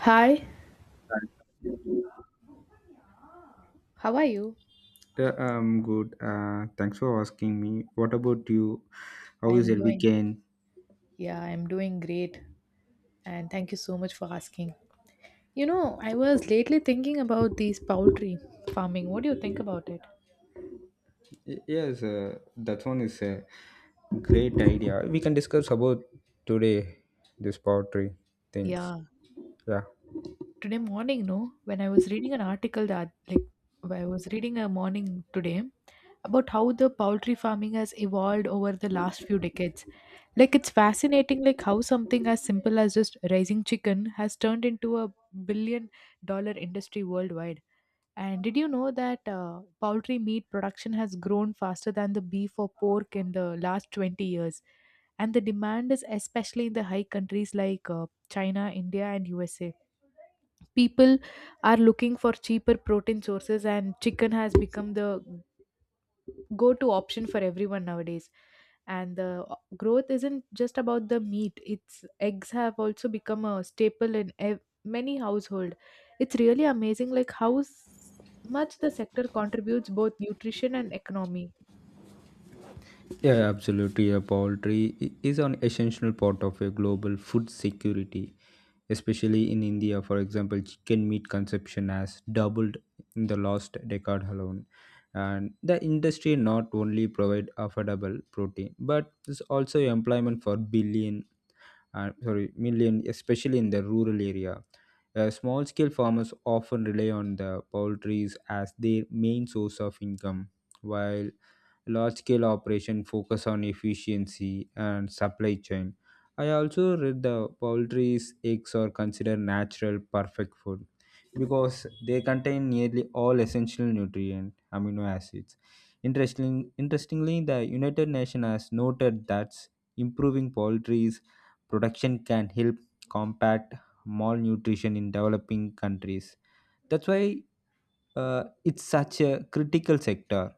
Hi, how are you? Yeah, I'm good. Thanks for asking me. What about you? I How is am your doing, weekend? yeah, I am doing great. And thank you so much for asking. You know, I was lately thinking about these poultry farming. What do you think about it? Yes, that one is a great idea. We can discuss about today this poetry things. Yeah, Yeah. today morning, no, when I was reading an article that, I was reading a morning today about how the poultry farming has evolved over the last few decades. It's fascinating, how something as simple as just raising chicken has turned into a billion dollar industry worldwide. And did you know that poultry meat production has grown faster than the beef or pork in the last 20 years? And the demand is especially in the high countries like China, India, and USA. People are looking for cheaper protein sources, and chicken has become the go to option for everyone nowadays. And the growth isn't just about the meat. It's eggs have also become a staple in many household. It's really amazing like how much the sector contributes both nutrition and economy. Yeah, absolutely. A poultry is an essential part of a global food security, especially in India. For example, chicken meat consumption has doubled in the last decade alone. And the industry not only provide affordable protein, but is also employment for billion sorry million, especially in the rural area. Small scale farmers often rely on the poultries as their main source of income, while large scale operation focus on efficiency and supply chain. I also read the poultry's eggs are considered natural perfect food because they contain nearly all essential nutrient amino acids. Interestingly, the United Nations has noted that improving poultry's production can help combat malnutrition in developing countries. That's why it's such a critical sector.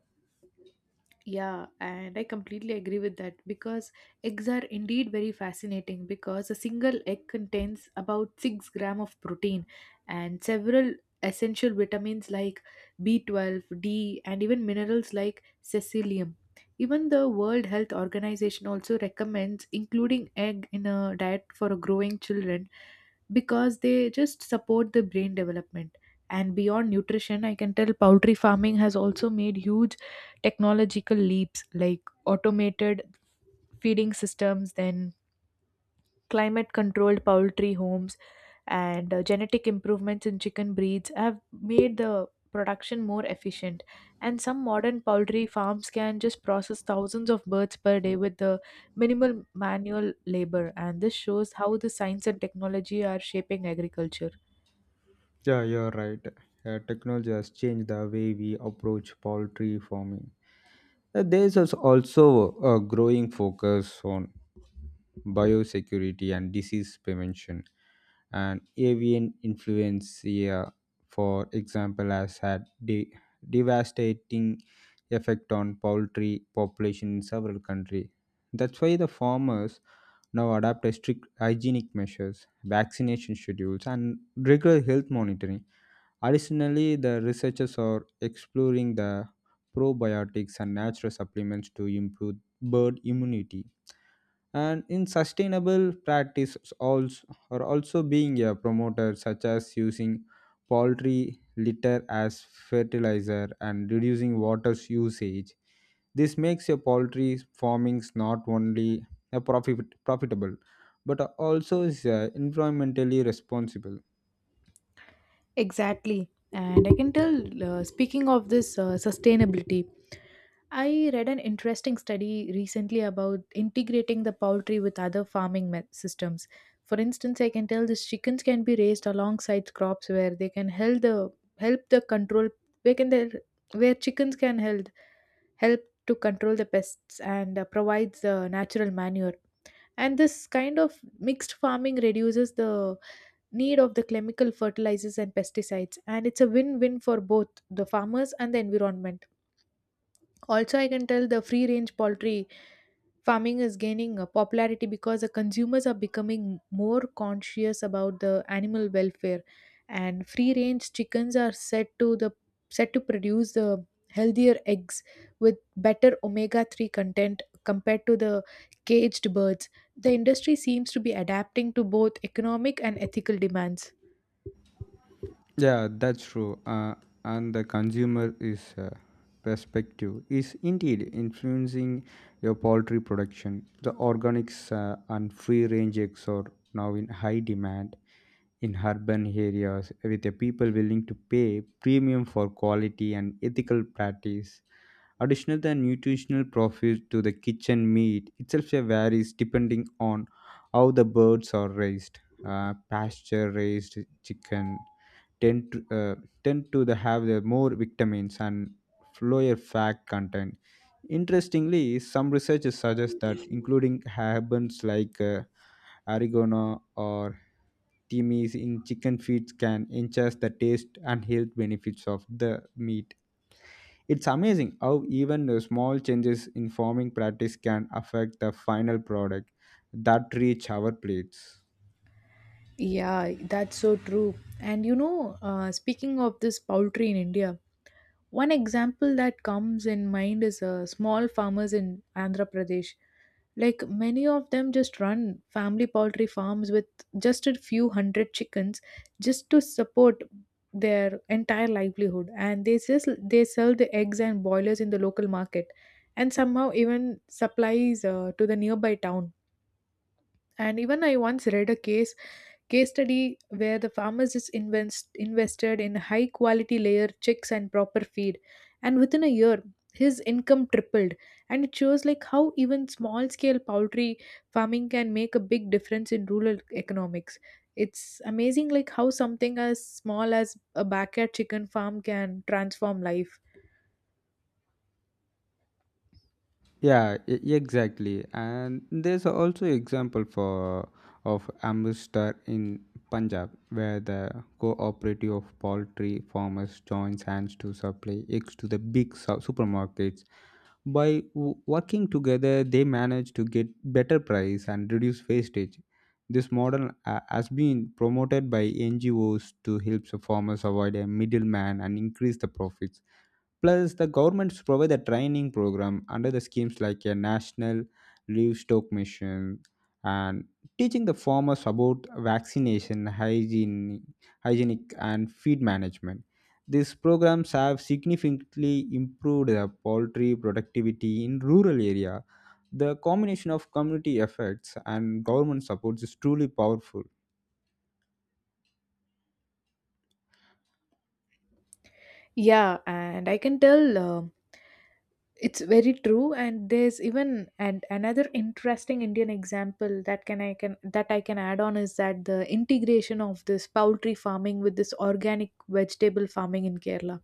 Yeah, and I completely agree with that because eggs are indeed very fascinating because a single egg contains about 6 gram of protein and several essential vitamins like B12, D, and even minerals like cecilium. Even the World Health Organization also recommends including egg in a diet for growing children because they just support the brain development. And beyond nutrition, I can tell poultry farming has also made huge technological leaps like automated feeding systems, then climate controlled poultry homes, and genetic improvements in chicken breeds have made the production more efficient. And some modern poultry farms can just process thousands of birds per day with the minimal manual labor. And this shows how the science and technology are shaping agriculture. Yeah, you're right. Technology has changed the way we approach poultry farming. There's also a growing focus on biosecurity and disease prevention. And avian influenza, for example, has had devastating effect on poultry population in several countries. That's why the farmers now adopt strict hygienic measures, vaccination schedules, and regular health monitoring. Additionally, the researchers are exploring the probiotics and natural supplements to improve bird immunity. And in sustainable practices also are also being a promoter, such as using poultry litter as fertilizer and reducing water's usage. This makes your poultry farming not only profitable but also is environmentally responsible. Exactly. And I can tell, speaking of this sustainability, I read an interesting study recently about integrating the poultry with other farming systems. For instance, I can tell these chickens can be raised alongside crops where they can help the control, where can they, where chickens can help to control the pests and provides the natural manure. And this kind of mixed farming reduces the need of the chemical fertilizers and pesticides, and it's a win-win for both the farmers and the environment. Also, I can tell the free-range poultry farming is gaining popularity because the consumers are becoming more conscious about the animal welfare, and free range chickens are said to the set to produce the healthier eggs with better omega 3 content compared to the caged birds. The industry seems to be adapting to both economic and ethical demands. Yeah, that's true. And the consumer is perspective is indeed influencing your poultry production. The organics and free range eggs are now in high demand in urban areas, with the people willing to pay premium for quality and ethical practice. Additional the nutritional profit to the kitchen meat itself varies depending on how the birds are raised. Pasture raised chicken tend to, uh, tend to the have the more vitamins and lower fat content. Interestingly, some researchers suggest that including herbs like oregano or timis in chicken feet can enhance the taste and health benefits of the meat. It's amazing how even the small changes in farming practice can affect the final product that reach our plates. Yeah, that's so true. And you know, speaking of this poultry in India, one example that comes in mind is small farmers in Andhra Pradesh. Like many of them just run family poultry farms with just a few hundred chickens just to support their entire livelihood, and they sell the eggs and boilers in the local market and somehow even supplies to the nearby town. And even I once read a case study where the farmers invested in high quality layer chicks and proper feed, and within a year his income tripled. And it shows like how even small scale poultry farming can make a big difference in rural economics. It's amazing like how something as small as a backyard chicken farm can transform life. Yeah, exactly. And there's also example for of Amritsar in Punjab, where the cooperative of poultry farmers joins hands to supply eggs to the big supermarkets. By working together, they manage to get better price and reduce wastage. This model has been promoted by NGOs to help the farmers avoid a middleman and increase the profits. Plus, the government should provide a training program under the schemes like a national livestock mission and teaching the farmers about vaccination, hygiene, hygienic, and feed management. These programs have significantly improved the poultry productivity in rural area. The combination of community efforts and government support is truly powerful. Yeah, and I can tell it's very true, and there's even and another interesting Indian example that can I can that I can add on is that the integration of this poultry farming with this organic vegetable farming in Kerala.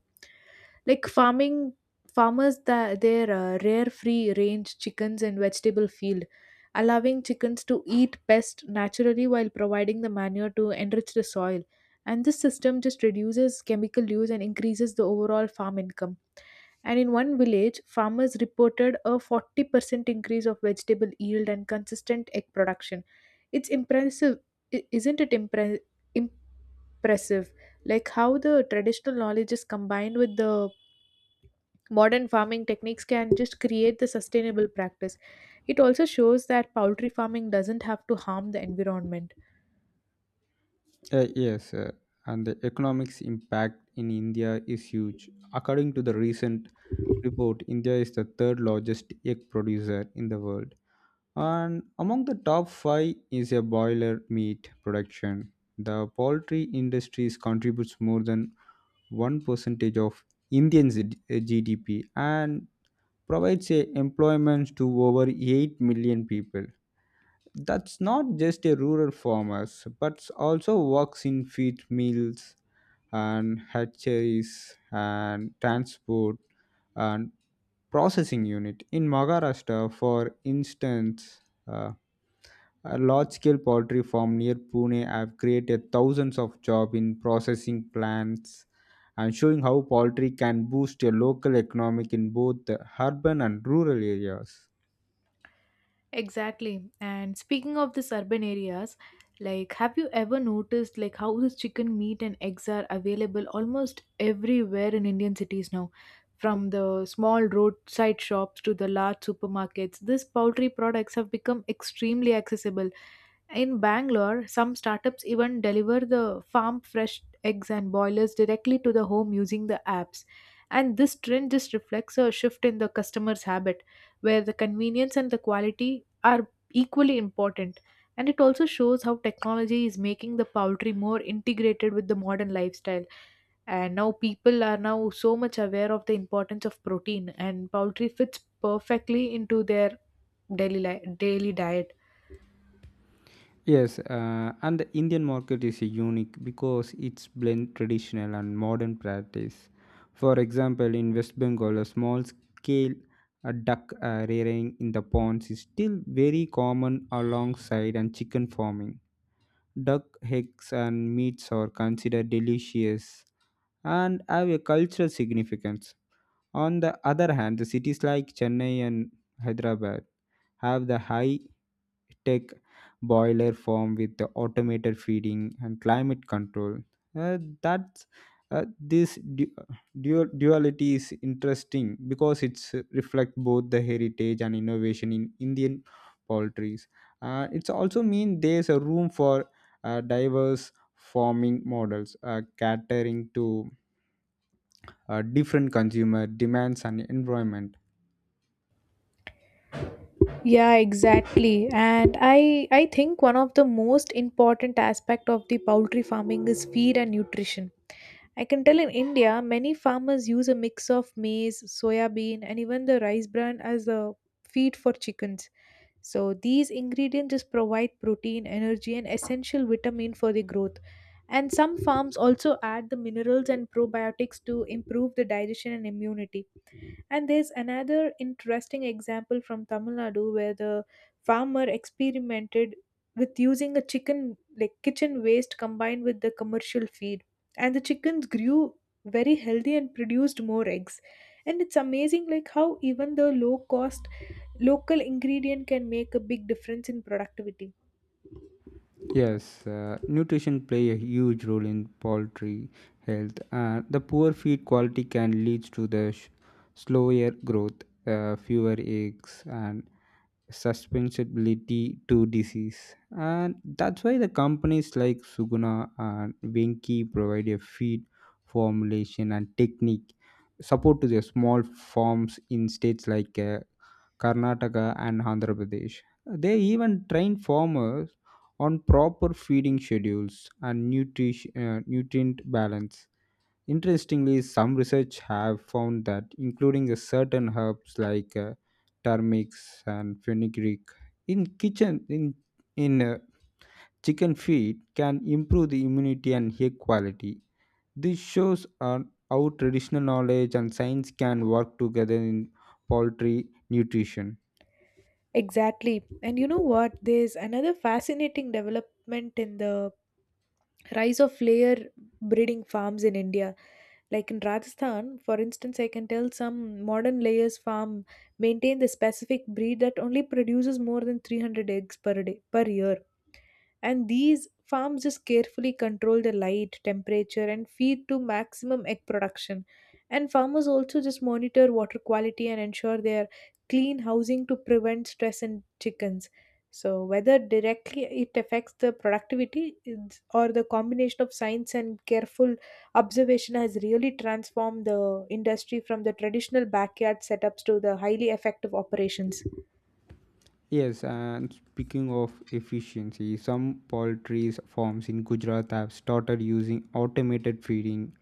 Like farming farmers that their rare free range chickens and vegetable field, allowing chickens to eat best naturally while providing the manure to enrich the soil. And this system just reduces chemical use and increases the overall farm income. And in one village, farmers reported a 40% increase of vegetable yield and consistent egg production. It's impressive, I- isn't it impre- impressive? Like how the traditional knowledge is combined with the modern farming techniques can just create the sustainable practice. It also shows that poultry farming doesn't have to harm the environment. Yes, and the economics impact in India is huge. According to the recent report, India is the third largest egg producer in the world, and among the top five is a boiler meat production. The poultry industry contributes more than one percentage of Indian GDP and provides a employment to over 8 million people. That's not just a rural farmers, but also works in feed mills and hatcheries and transport and processing unit. In Maharashtra, for instance, uh, a large-scale poultry farm near Pune have created thousands of jobs in processing plants and showing how poultry can boost a local economic in both the urban and rural areas. Exactly. And speaking of these urban areas, like have you ever noticed like how this chicken meat and eggs are available almost everywhere in Indian cities now? From the small roadside shops to the large supermarkets, these poultry products have become extremely accessible. In Bangalore, some startups even deliver the farm fresh eggs and boilers directly to the home using the apps. And this trend just reflects a shift in the customer's habit, where the convenience and the quality are equally important. And it also shows how technology is making the poultry more integrated with the modern lifestyle. And now people are now so much aware of the importance of protein, and poultry fits perfectly into their daily diet. Yes, and the Indian market is unique because it's blend traditional and modern practice. For example, in West Bengal, a small scale duck rearing in the ponds is still very common alongside and chicken farming. Duck eggs and meats are considered delicious and have a cultural significance. On the other hand, the cities like Chennai and Hyderabad have the high tech boiler farm with the automated feeding and climate control. That's this duality is interesting because it's reflect both the heritage and innovation in Indian poultry. It's also mean there's a room for diverse farming models catering to different consumer demands and environment. Yeah, exactly. And I think one of the most important aspect of the poultry farming is feed and nutrition. I can tell in India many farmers use a mix of maize, soya bean, and even the rice bran as a feed for chickens. So these ingredients just provide protein energy and essential vitamin for the growth, and some farms also add the minerals and probiotics to improve the digestion and immunity. And there's another interesting example from Tamil Nadu where the farmer experimented with using a chicken like kitchen waste combined with the commercial feed. And the chickens grew very healthy and produced more eggs. And it's amazing like how even the low cost local ingredient can make a big difference in productivity. Yes, nutrition play a huge role in poultry health. The poor feed quality can lead to the slower growth, fewer eggs, and susceptibility to disease. And that's why the companies like Suguna and Venki provide a feed formulation and technique support to their small farms in states like Karnataka and Andhra Pradesh. They even train farmers on proper feeding schedules and nutrition, nutrient balance. Interestingly, some research have found that including a certain herbs like turmeric and fenugreek in kitchen in chicken feed can improve the immunity and hair quality. This shows on how traditional knowledge and science can work together in poultry nutrition. Exactly. And you know what? There's another fascinating development in the rise of layer breeding farms in India. Like in Rajasthan, for instance, I can tell some modern layers farm maintain the specific breed that only produces more than 300 eggs per day per year. And these farms just carefully control the light temperature and feed to maximum egg production. And farmers also just monitor water quality and ensure they are clean housing to prevent stress in chickens. So whether directly it affects the productivity or the combination of science and careful observation has really transformed the industry from the traditional backyard setups to the highly effective operations. Yes, and speaking of efficiency, some poultry farms in Gujarat have started using automated feeding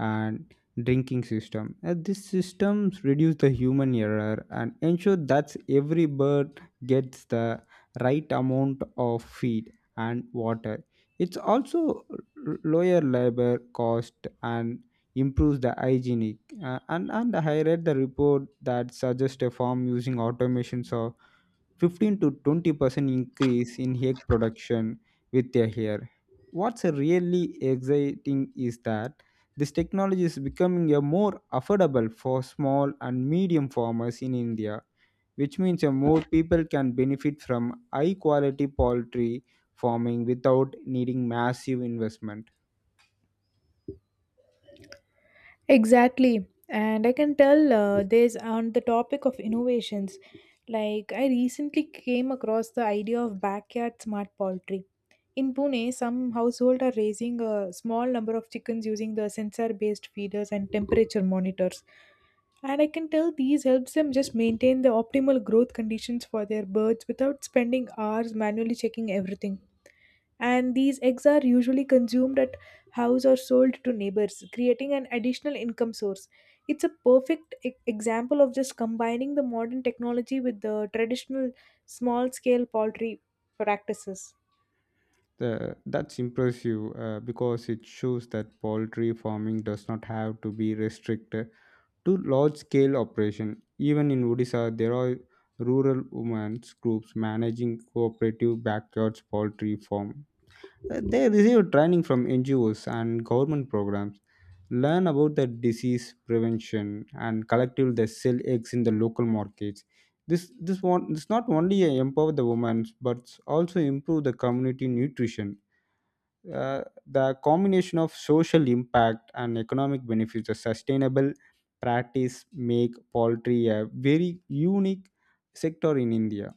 and drinking system. And these systems reduce the human error and ensure that every bird gets the right amount of feed and water. It's also lower labor cost and improves the hygienic. And I read the report that suggests a farm using automations or 15 to 20% increase in egg production with a year. What's really exciting is that this technology is becoming a more affordable for small and medium farmers in India, which means a more people can benefit from high quality poultry farming without needing massive investment. Exactly. And I can tell there's on the topic of innovations. Like, I recently came across the idea of backyard smart poultry. In Pune, some households are raising a small number of chickens using the sensor based feeders and temperature monitors. And I can tell these helps them just maintain the optimal growth conditions for their birds without spending hours manually checking everything. And these eggs are usually consumed at house or sold to neighbors, creating an additional income source. It's a perfect example of just combining the modern technology with the traditional small scale poultry practices. That's impressive because it shows that poultry farming does not have to be restricted to large scale operation. Even in Odisha, there are rural women's groups managing cooperative backyards poultry farm. They receive training from NGOs and government programs, learn about the disease prevention, and collectively they sell eggs in the local markets. This not only empower the women but also improve the community nutrition. The combination of social impact and economic benefits of sustainable practice make poultry a very unique sector in India.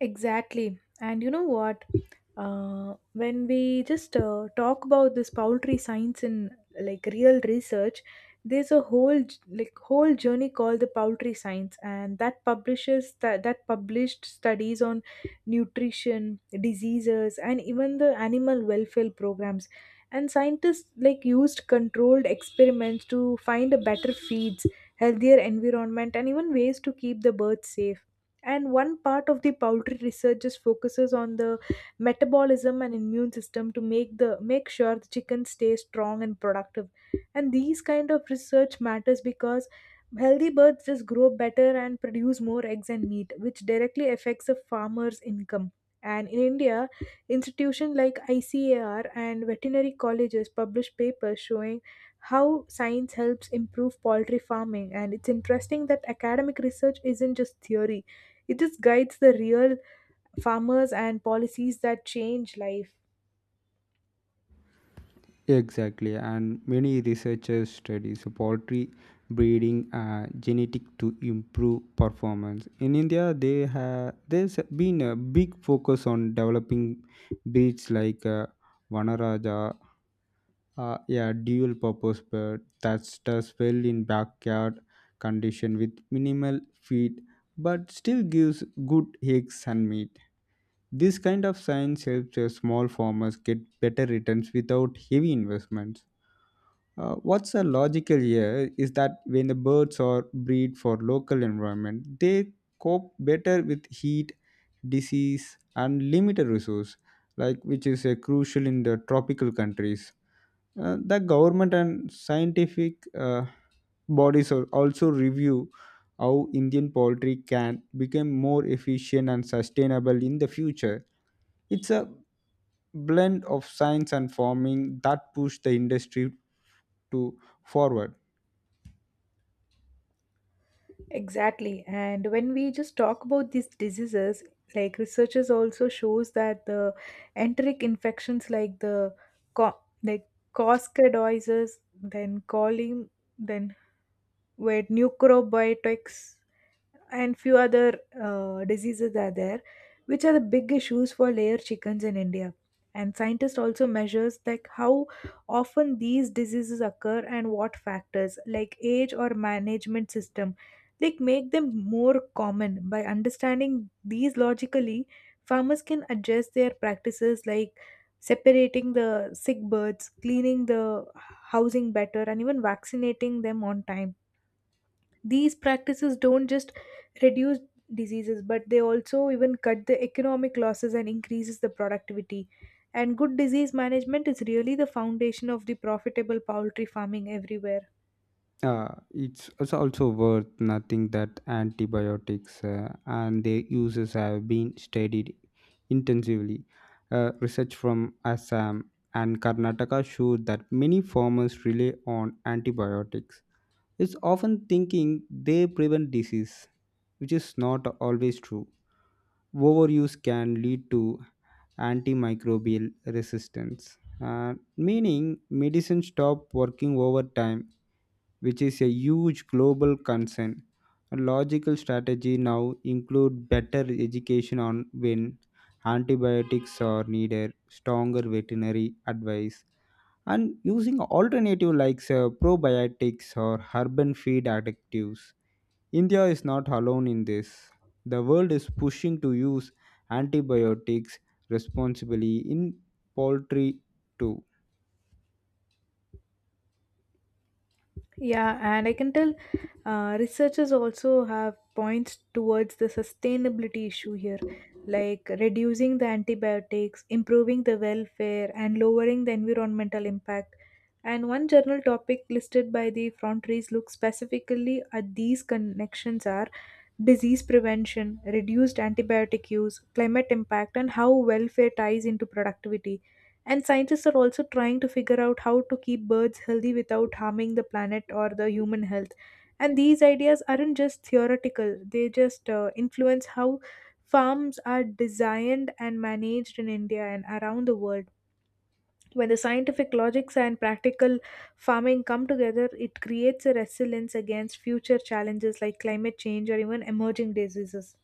Exactly. And you know what? When we just talk about this poultry science in like real research, there's a whole whole journey called the poultry science, and that publishes that that published studies on nutrition, diseases, and even the animal welfare programs. And scientists like used controlled experiments to find a better feeds, healthier environment, and even ways to keep the birds safe. And one part of the poultry research just focuses on the metabolism and immune system to make sure the chicken stays strong and productive. And these kind of research matters because healthy birds just grow better and produce more eggs and meat, which directly affects a farmer's income. And in India, institutions like ICAR and veterinary colleges publish papers showing how science helps improve poultry farming. And it's interesting that academic research isn't just theory, it just guides the real farmers and policies that change life. Exactly, and many researchers study so poultry breeding genetic to improve performance in India. They have there's been a big focus on developing breeds like vanaraja. Yeah, dual purpose bed that's does well in backyard condition with minimal feed but still gives good eggs and meat. This kind of science helps the small farmers get better returns without heavy investments. What's the logical here is that when the birds are breed for local environment, they cope better with heat, disease, and limited resource, like which is crucial in the tropical countries. The government and scientific bodies also review how Indian poultry can become more efficient and sustainable in the future. It's a blend of science and farming that push the industry to forward. Exactly. And when we just talk about these diseases, like researchers also shows that the enteric infections like co- like coscadioises, then choline, then were neucrobiotics, and few other diseases are there, which are the big issues for layer chickens in India. And scientists also measures like how often these diseases occur and what factors like age or management system like make them more common. By understanding these logically, farmers can adjust their practices like separating the sick birds, cleaning the housing better, and even vaccinating them on time. These practices don't just reduce diseases, but they also even cut the economic losses and increases the productivity. And good disease management is really the foundation of the profitable poultry farming everywhere. It's also worth noting that antibiotics and their uses have been studied intensively. Research from Assam and Karnataka showed that many farmers rely on antibiotics. It's often thinking they prevent disease, which is not always true. Overuse can lead to antimicrobial resistance, meaning medicine stop working over time, which is a huge global concern. A logical strategy now include better education on when antibiotics are needed, stronger veterinary advice, and using alternative like probiotics or urban feed additives. India is not alone in this. The world is pushing to use antibiotics responsibly in poultry too. Yeah, and I can tell researchers also have points towards the sustainability issue here, like reducing the antibiotics, improving the welfare, and lowering the environmental impact. And one journal topic listed by the frontaries looks specifically at these connections are disease prevention, reduced antibiotic use, climate impact, and how welfare ties into productivity. And scientists are also trying to figure out how to keep birds healthy without harming the planet or the human health. And these ideas aren't just theoretical, they just influence how farms are designed and managed in India and around the world. When the scientific logics and practical farming come together, it creates a resilience against future challenges like climate change or even emerging diseases.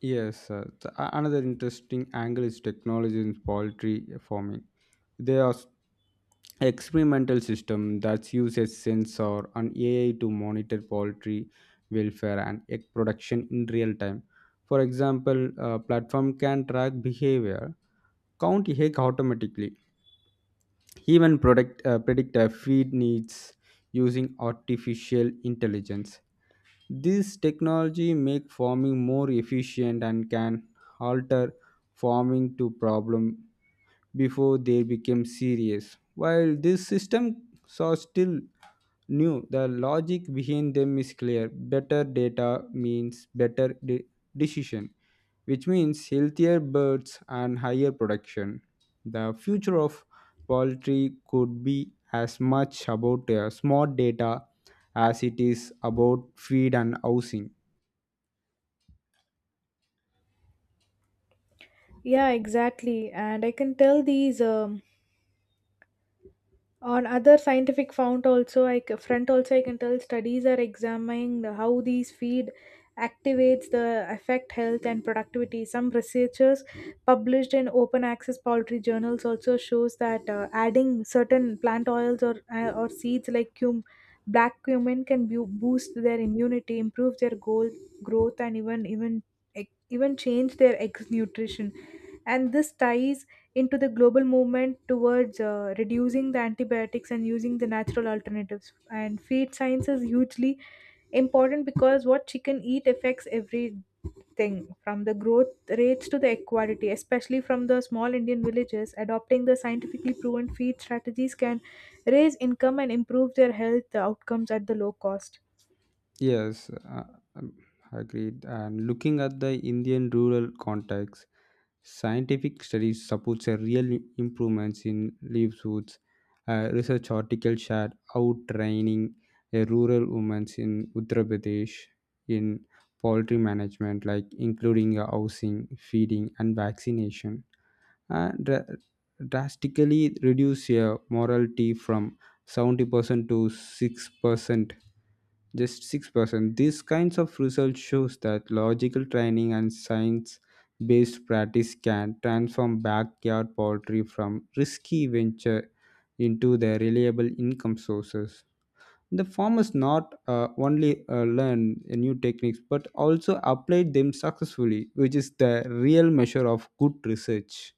Yes, another interesting angle is technology in poultry farming. There are experimental system that uses sensor and AI to monitor poultry welfare and egg production in real time. For example, a platform can track behavior, count egg automatically, even predict feed needs using artificial intelligence. This technology make farming more efficient and can alter farming to problem before they become serious. While these systems are still new, the logic behind them is clear. Better data means decision, which means healthier birds and higher production. The future of poultry could be as much about smart data as it is about feed and housing. Yeah, exactly. And I can tell these on other scientific front also I c- front also I can tell studies are examining how these feed activates the affect health and productivity. Some researchers published in open access poultry journals also shows that adding certain plant oils or seeds like cum black cumin can boost their immunity, improve their goal growth, and even e, even change their ex nutrition. And this ties into the global movement towards reducing the antibiotics and using the natural alternatives. And feed science is hugely important because what chicken eat affects everything from the growth rates to the equality, especially from the small Indian villages. Adopting the scientifically proven feed strategies can raise income and improve their health outcomes at the low cost. Yes, um, agreed. And looking at the Indian rural context, scientific studies supports a real improvements in livelihoods. A research article shared out training a rural women in Uttar Pradesh in poultry management, like including housing, feeding, and vaccination, and drastically reduce mortality from 70% to 6%, just 6%. These kinds of results shows that logical training and science-based practice can transform backyard poultry from risky venture into their reliable income sources. The farmers not only learn new techniques but also apply them successfully, which is the real measure of good research.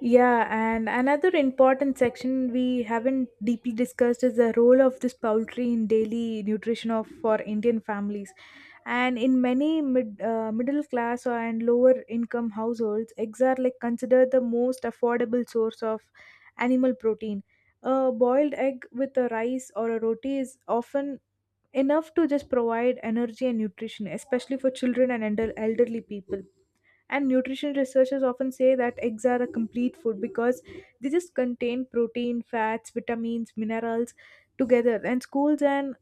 Yeah, and another important section we haven't deeply discussed is the role of this poultry in daily nutrition of for Indian families. And in many middle class and lower income households, eggs are like considered the most affordable source of animal protein. A boiled egg with a rice or a roti is often enough to just provide energy and nutrition, especially for children and elderly people. And nutrition researchers often say that eggs are a complete food because they just contain protein, fats, vitamins, minerals together. And schools and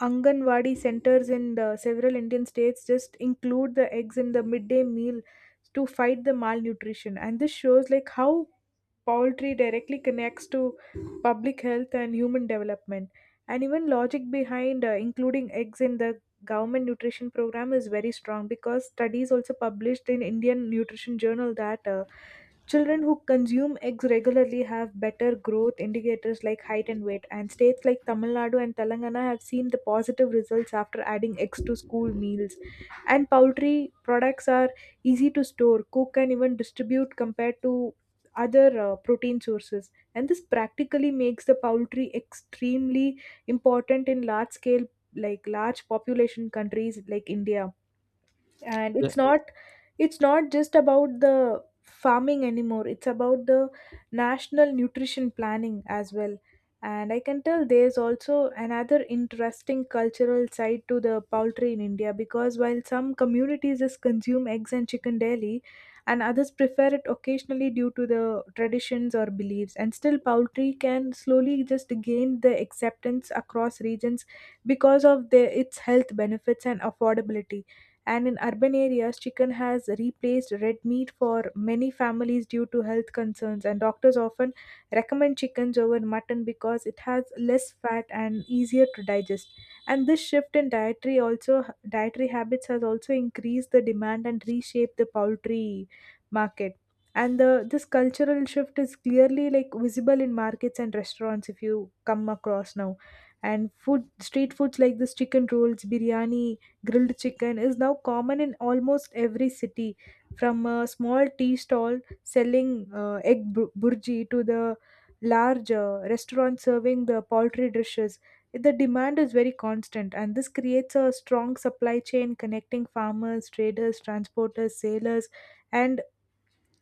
Anganwadi centers in the several Indian states just include the eggs in the midday meal to fight the malnutrition. And this shows like how poultry directly connects to public health and human development. And even logic behind including eggs in the government nutrition program is very strong because studies also published in Indian Nutrition Journal that children who consume eggs regularly have better growth indicators like height and weight, and states like Tamil Nadu and Telangana have seen the positive results after adding eggs to school meals. And poultry products are easy to store, cook, and even distribute compared to other protein sources. And this practically makes the poultry extremely important in large scale, like large population countries like India. And Yeah. It's not just about the farming anymore, it's about the national nutrition planning as well. And I can tell there's also another interesting cultural side to the poultry in India, because while some communities just consume eggs and chicken daily and others prefer it occasionally due to the traditions or beliefs, and still poultry can slowly just gain the acceptance across regions because of its health benefits and affordability. And in urban areas, chicken has replaced red meat for many families due to health concerns. And doctors often recommend chickens over mutton because it has less fat and easier to digest. And this shift in dietary habits has also increased the demand and reshaped the poultry market. And the this cultural shift is clearly like visible in markets and restaurants if you come across now. And food street foods like this chicken rolls, biryani, grilled chicken is now common in almost every city, from a small tea stall selling egg burji to the large restaurant serving the poultry dishes. The demand is very constant, and this creates a strong supply chain connecting farmers, traders, transporters, sailors, and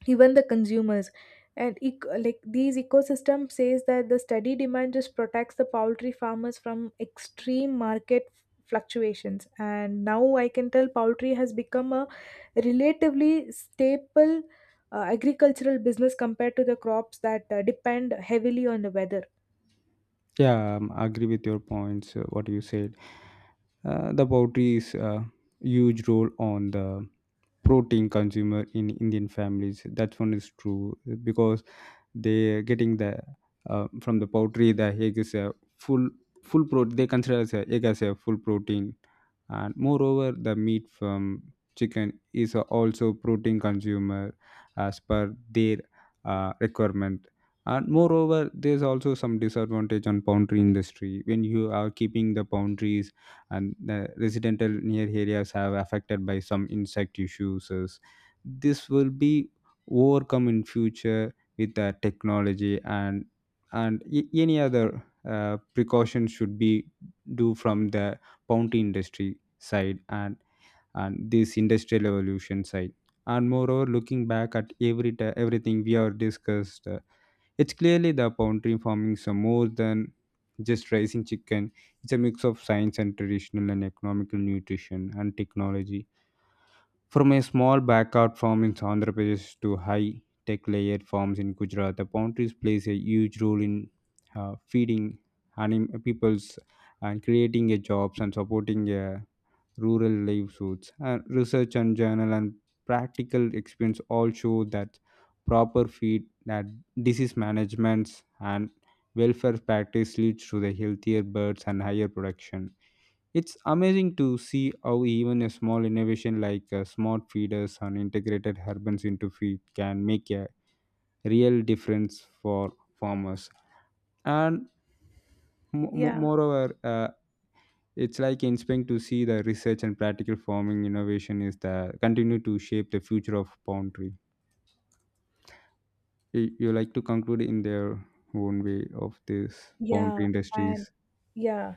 even the consumers. And like these ecosystem says that the steady demand just protects the poultry farmers from extreme market fluctuations. And now I can tell poultry has become a relatively staple agricultural business compared to the crops that depend heavily on the weather. Yeah, I agree with your points. What you said, the poultry is a huge role on the protein consumer in Indian families. That one is true because they getting the from the poultry, the egg is a full full protein, they consider as a egg as a full protein. And moreover the meat from chicken is a also protein consumer as per their requirement. And moreover there's also some disadvantage on poultry industry when you are keeping the boundaries and the residential near areas have affected by some insect issues. This will be overcome in future with technology and any other precaution should be do from the bounty industry side and this industrial evolution side. And moreover, looking back at everything we have discussed, it's clearly the boundary farming is more than just raising chicken. It's a mix of science and traditional and economical nutrition and technology. From a small backyard farm in Andhra Pradesh to high tech layered farms in Gujarat, the boundaries plays a huge role in feeding peoples and creating a jobs and supporting a rural livelihoods. And research and journal and practical experience all show that proper feed, that disease management and welfare practice leads to the healthier birds and higher production. It's amazing to see how even a small innovation like smart feeders and integrated herbans into feed can make a real difference for farmers. And mo- mo- Yeah. moreover, uh, it's like inspiring to see the research and practical farming innovation is the continue to shape the future of poultry. You like to conclude in their own way of this Yeah. poultry And industries. yeah,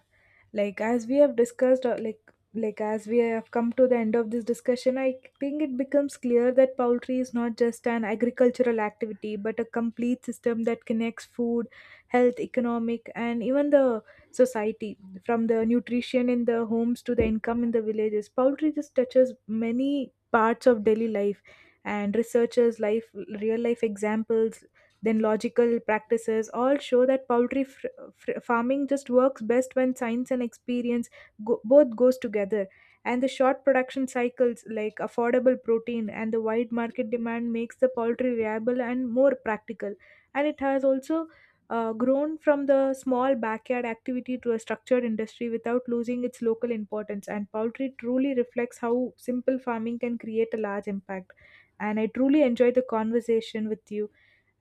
like as we have discussed like as we have come to the end of this discussion, I think it becomes clear that poultry is not just an agricultural activity but a complete system that connects food, health, economic, and even the society. From the nutrition in the homes to the income in the villages, poultry just touches many parts of daily life. And researchers life, real life examples, then logical practices all show that poultry farming just works best when science and experience both goes together. And the short production cycles like affordable protein and the wide market demand makes the poultry reliable and more practical. And it has also grown from the small backyard activity to a structured industry without losing its local importance. And poultry truly reflects how simple farming can create a large impact. And I truly enjoyed the conversation with you,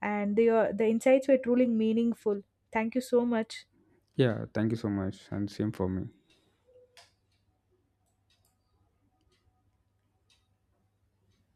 and the insights were truly meaningful. Thank you so much. Yeah, thank you so much, and same for me.